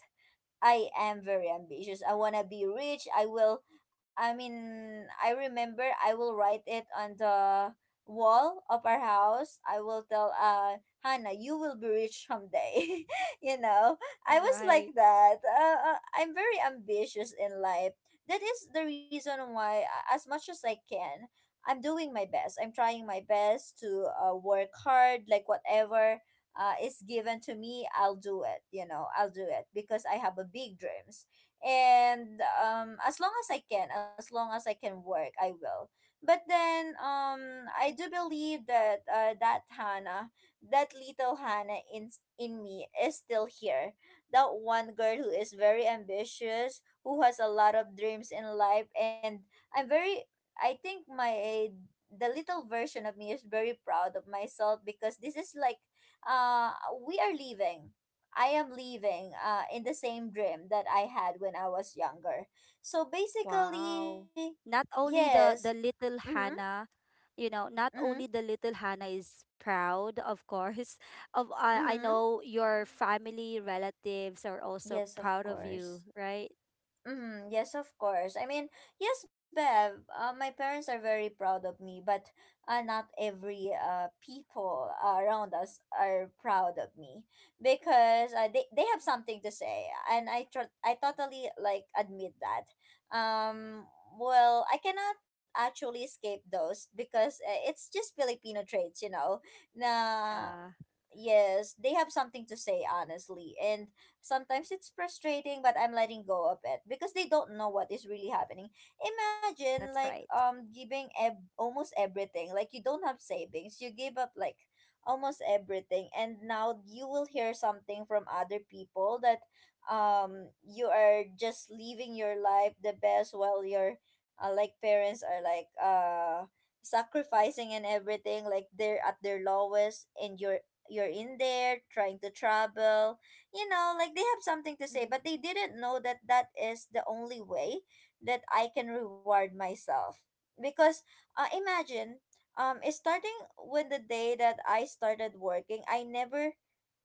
I am very ambitious. I want to be rich. I will, I mean, I remember I will write it on the wall of our house. I will tell, uh, Hannah, you will be rich someday. You know, I was like
Right.
that. Uh, uh, I'm very ambitious in life. That is the reason why, uh, as much as I can, I'm doing my best. I'm trying my best to, uh, work hard, like whatever, uh, is given to me, I'll do it. You know, I'll do it because I have a big dreams. And um, as long as I can, as long as I can work, I will. But then, um, I do believe that, uh, that Hannah, that little Hannah in in me is still here. That one girl who is very ambitious, who has a lot of dreams in life, and I'm very. I think my the little version of me is very proud of myself because this is like, uh, we are leaving. I am leaving, uh, in the same dream that I had when I was younger. So basically,
Wow. Not only
yes.
the the little
Mm-hmm,
Hannah, you know, not
mm-hmm,
only the little Hannah is proud, of course, of, I I
mm-hmm.
know your family relatives are also
Yes,
proud
of
of you,
course.
right?
Mm, yes, of course. I mean, yes, Bev. Uh, my parents are very proud of me, but, uh, not every uh people around us are proud of me, because, uh, they they have something to say, and I tr- I totally like admit that. Um, well, I cannot actually escape those because, uh, it's just Filipino traits, you know. Na,
Yeah,
yes, they have something to say, honestly. And sometimes it's frustrating, but I'm letting go of it because they don't know what is really happening. Imagine,
that's
like,
right.
um, giving ev- almost everything. Like, you don't have savings, you give up, like, almost everything. And now you will hear something from other people that, um, you are just living your life the best while your, uh, like, parents are, like, uh, sacrificing and everything, like they're at their lowest and you're you're in there trying to travel, you know, like they have something to say, but
Hmm.
they didn't know that that is the only way that I can reward myself. Because, uh, imagine, um, it's starting with the day that I started working, I never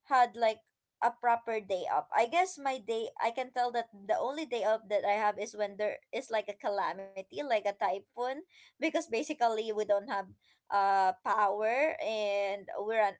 had like a proper day up. I guess my day, I can tell that the only day up that I have is when there is like a calamity, like a typhoon, because basically we don't have, uh, power, and we're on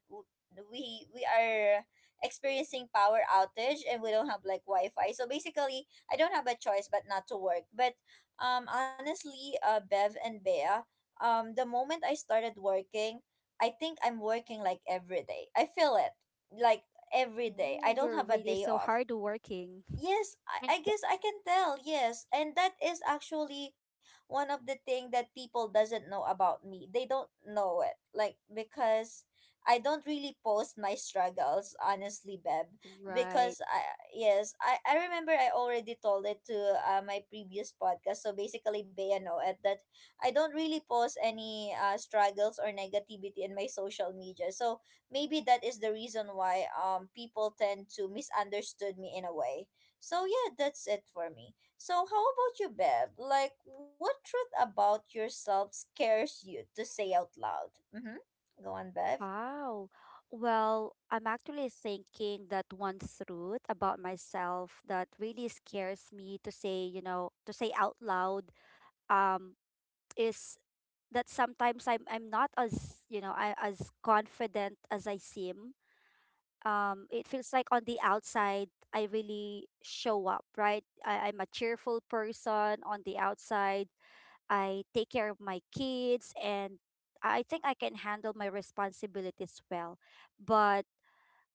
we we are experiencing power outage, and we don't have like wi-fi. So basically I don't have a choice but not to work. But, um, honestly, uh, Bev and Bea, um, the moment I started working, I think I'm working like every day. I feel it, like every day
Oh,
I don't
you're
have a
really
day
so
off.
hardworking.
Yes,
And
I, I guess I can tell. Yes, and that is actually one of the thing that people doesn't know about me. They don't know it, like, because I don't really post my struggles, honestly, Beb.
right.
Because I yes, I I remember I already told it to, uh, my previous podcast. So basically, Bea know it that I don't really post any, uh, struggles or negativity in my social media. So maybe that is the reason why, um, people tend to misunderstood me in a way. So yeah, that's it for me. So how about you, Bev? Like, what truth about yourself scares you to say out loud? Mm-hmm. Go on, Bev.
Wow. Well, I'm actually thinking that one truth about myself that really scares me to say, you know, to say out loud, um is that sometimes I'm I'm not as you know I, as confident as I seem. Um, it feels like on the outside I really show up, right? I, I'm a cheerful person on the outside. I take care of my kids, and I think I can handle my responsibilities well. But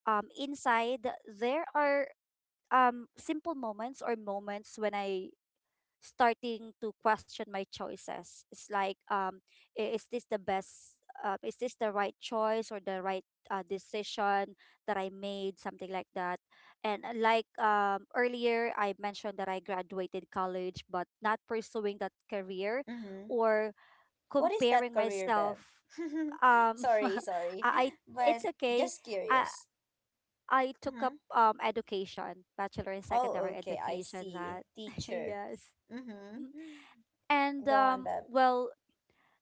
um, inside there are um simple moments, or moments when I starting to question my choices. It's like, um, i- is this the best? Uh, is this the right choice, or the right, uh, decision that I made? Something like that. And uh, like, um, earlier, I mentioned that I graduated college, but not pursuing that career,
Mm-hmm.
or
What is that
comparing
career, Bev?
myself. Um,
sorry, sorry,
I I- it's
but
okay.
just
I
curious.
I took up
Mm-hmm.
um education, bachelor in
Oh,
secondary
okay, I
education.
see.
That
Teacher.
yes.
Mm-hmm.
Mm-hmm. And
Go on,
um
Bev.
well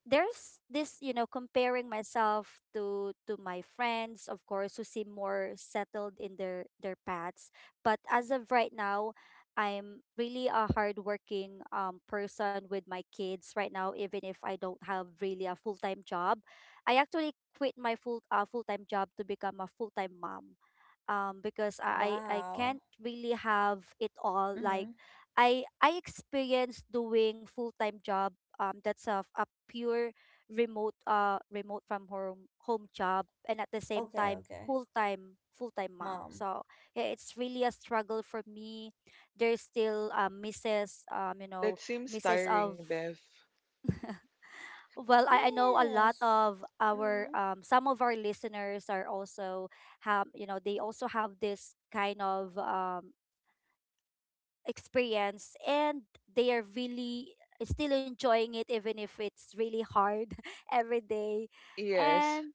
there's this, you know comparing myself to to my friends, of course, who seem more settled in their their paths. But as of right now, I'm really a hardworking, um, person with my kids right now, even if I don't have really a full-time job. I actually quit my full uh, full-time job to become a full-time mom, um because I I I can't
Wow.
really have it all. Like,
Mm-hmm.
I I experienced doing full-time job, um that's a, a pure remote uh remote from home home job, and at the same
Okay,
time
okay.
full-time full-time mom.
Mom.
So yeah, it's really a struggle for me. There's still um misses, um you know
That seems
misses
tiring,
of,
Bev.
well, I, I know a lot
Yes.
of our,
Mm-hmm.
um, some of our listeners are also have, you know they also have this kind of, um, experience, and they are really still enjoying it, even if it's really hard, every day,
Yes.
and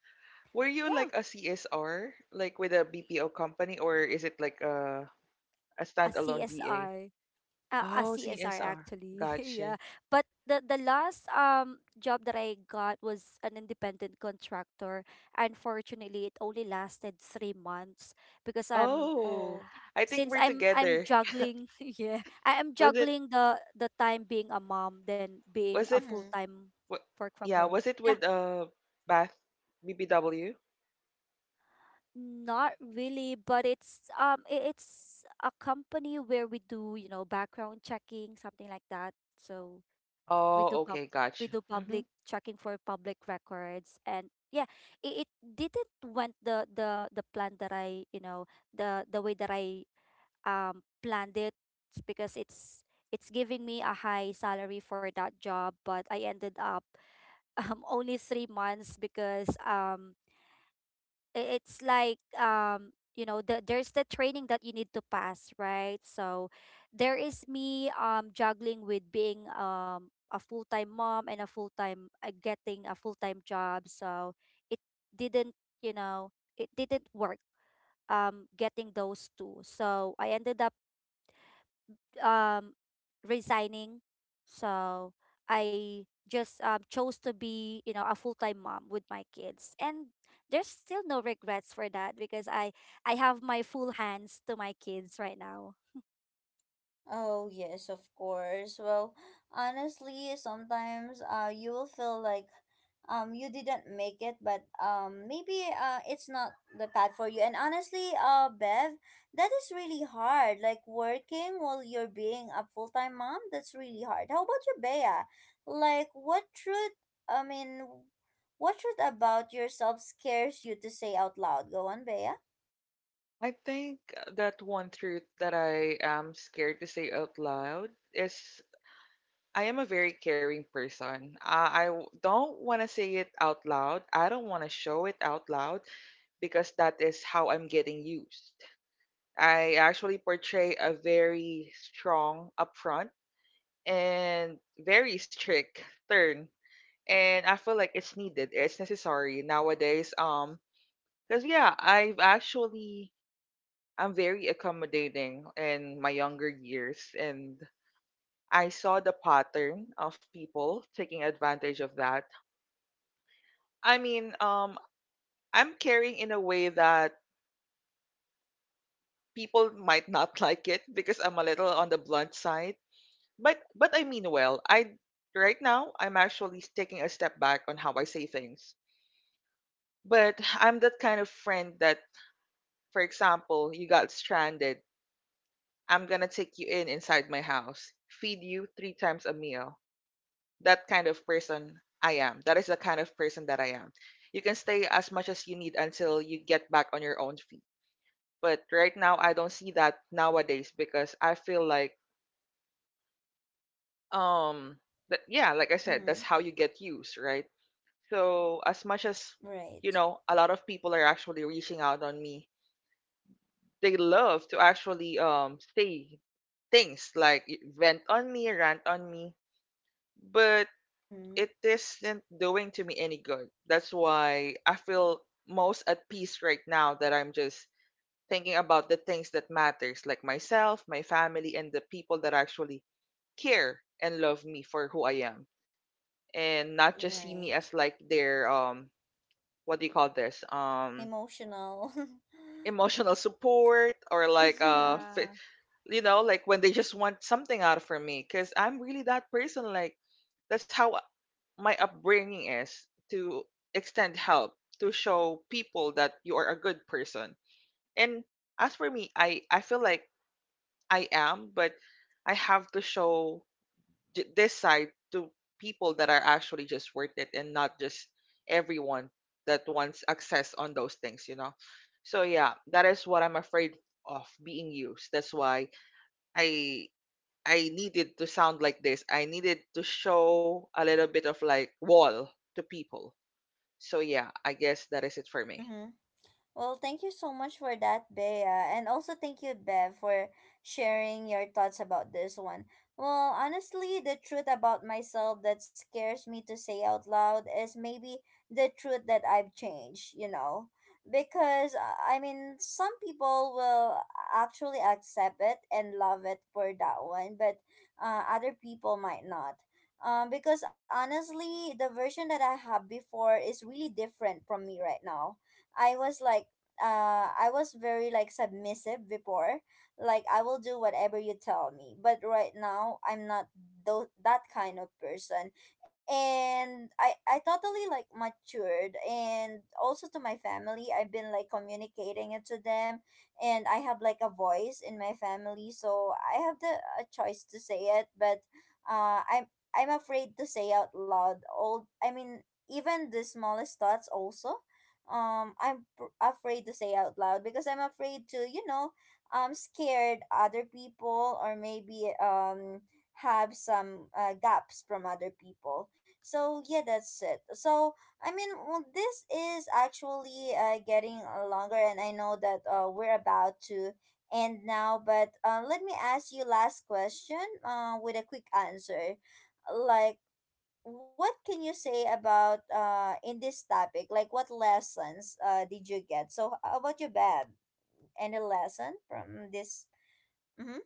Were you
yeah,
like a C S R, like with a B P O company, or is it like a a
a
standalone V A?
C S R. Uh, a
Oh,
C S R
C S R.
actually.
Gotcha.
Yeah, but the the last um job that I got was an independent contractor. Unfortunately, it only lasted three months, because I'm
Oh,
Oh.
I think
since
we're
I'm I'm
together.
juggling, yeah, I am
Was it
juggling the the time, being a mom than being
was
a
it
full
Mm-hmm.
time
wa-
work from
yeah,
home.
was it
Yeah,
with uh Bath B B W?
not really, but it's um i- it's a company where we do, you know background checking, something like that. So, we
Oh,
do pub
okay,
we
gotcha.
do public
Mm-hmm.
checking for public records, and yeah, it, it didn't went the the the plan that I, you know the the way that I um planned it, because it's it's giving me a high salary for that job, but I ended up, um only three months, because um i- it's like, um you know the, there's the training that you need to pass, right? So there is me, um juggling with being, um a full-time mom, and a full-time uh, getting a full-time job. So it didn't you know it didn't work, um getting those two. So I ended up, um resigning. So I just, um, chose to be, you know, a full-time mom with my kids. And there's still no regrets for that, because I I have my full hands to my kids right now.
Oh, yes, of course. Well, honestly, sometimes, uh, you will feel like, um, you didn't make it, but, um, maybe, uh, it's not the path for you. And honestly, uh, Bev, that is really hard. Like working while you're being a full time mom, that's really hard. How about you, Bea? Like, what truth, I mean, what truth about yourself scares you to say out loud? Go on, Bea.
I think that one truth that I am scared to say out loud is I am a very caring person. Uh, I w- don't want to say it out loud. I don't want to show it out loud because that is how I'm getting used. I actually portray a very strong upfront and very strict turn. And I feel like it's needed. It's necessary nowadays. Um, because yeah, I've actually I'm very accommodating in my younger years, and I saw the pattern of people taking advantage of that. I mean, um, I'm caring in a way that people might not like it because I'm a little on the blunt side. But but I mean well. I right now I'm actually taking a step back on how I say things. But I'm that kind of friend that, for example, you got stranded. I'm gonna take you in inside my house, feed you three times a meal. That kind of person I am. That is the kind of person that I am. You can stay as much as you need until you get back on your own feet. But right now, I don't see that nowadays because I feel like, um, that, yeah, like I said, that's
Mm-hmm.
how you get used, right? So as much as you
Right.
know, a lot of people are actually reaching out on me, they love to actually um say things like y- vent on me, rant on me, but
Mm-hmm.
it isn't doing to me any good. That's why I feel most at peace right now that I'm just thinking about the things that matters like myself, my family, and the people that actually care and love me for who I am and not just see me
Right.
as like their um what do you call this? Um
Emotional.
emotional support or like uh
Yeah.
you know, like when they just want something out of from me, because I'm really that person. Like that's how my upbringing is, to extend help, to show people that you are a good person. And as for me, I I feel like I am, but I have to show j- this side to people that are actually just worth it, and not just everyone that wants access on those things. You know. So yeah, that is what I'm afraid of, being used. That's why I I needed to sound like this. I needed to show a little bit of like wall to people. So yeah, I guess that is it for me.
Hmm. Well, thank you so much for that, Bea. And also thank you, Bev, for sharing your thoughts about this one. Well, honestly, the truth about myself that scares me to say out loud is maybe the truth that I've changed, you know? Because, uh, I mean, some people will actually accept it and love it for that one, but, uh, other people might not. Um, because honestly, the version that I had before is really different from me right now. I was like, uh, I was very like submissive before. Like, I will do whatever you tell me. But right now I'm not tho- that kind of person. And I I totally like matured, and also to my family I've been like communicating it to them, and I have like a voice in my family, so I have the a choice to say it. But, uh, I'm I'm afraid to say out loud all, I mean, even the smallest thoughts also, um, i'm pr- afraid to say out loud, because I'm afraid to, you know, I'm scared other people, or maybe, um, have some, uh, gaps from other people. So yeah, that's it. So I mean, well, this is actually, uh, getting, uh, longer, and I know that, uh, we're about to end now, but, uh, let me ask you last question, uh, with a quick answer, like, what can you say about, uh, in this topic? Like, what lessons, uh, did you get? So how about you, Bab? Any lesson from this? Mm-hmm.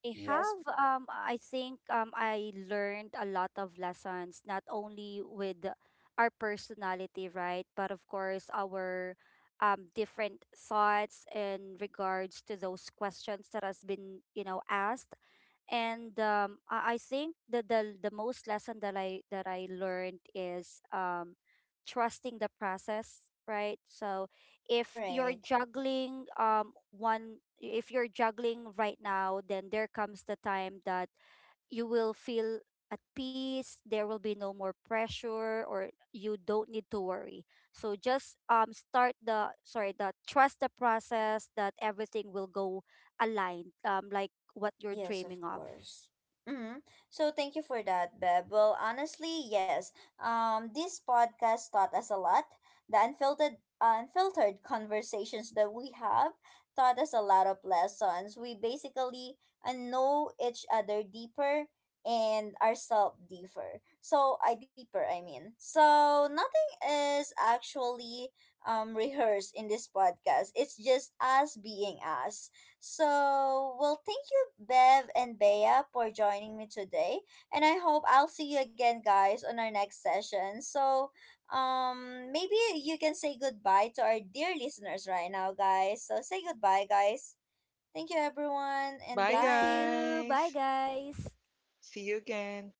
I
Yes,
have, um I think, um I learned a lot of lessons, not only with our personality, right, but of course our, um different thoughts in regards to those questions that has been, you know asked, and um, I, I think that the the most lesson that I that I learned is, um, trusting the process, right? So if you're
right.
juggling um one if you're juggling right now, then there comes the time that you will feel at peace. There will be no more pressure, or you don't need to worry. So just, um start the sorry the trust the process that everything will go aligned, um like what you're
Yes, of
dreaming of.
course. Hmm. So thank you for that, Beb. Well, honestly, yes. Um, this podcast taught us a lot. The unfiltered, uh, unfiltered conversations that we have taught us a lot of lessons. We basically, uh, know each other deeper and ourselves deeper. So I deeper, I mean. So nothing is actually, um, rehearsed in this podcast. It's just us being us. So, well, thank you, Bev and Bea, for joining me today. And I hope I'll see you again, guys, on our next session. So, um, maybe you can say goodbye to our dear listeners right now, guys. So, say goodbye, guys. Thank you, everyone, and
Bye
Thank
bye.
you. Bye,
guys.
guys.
See you again.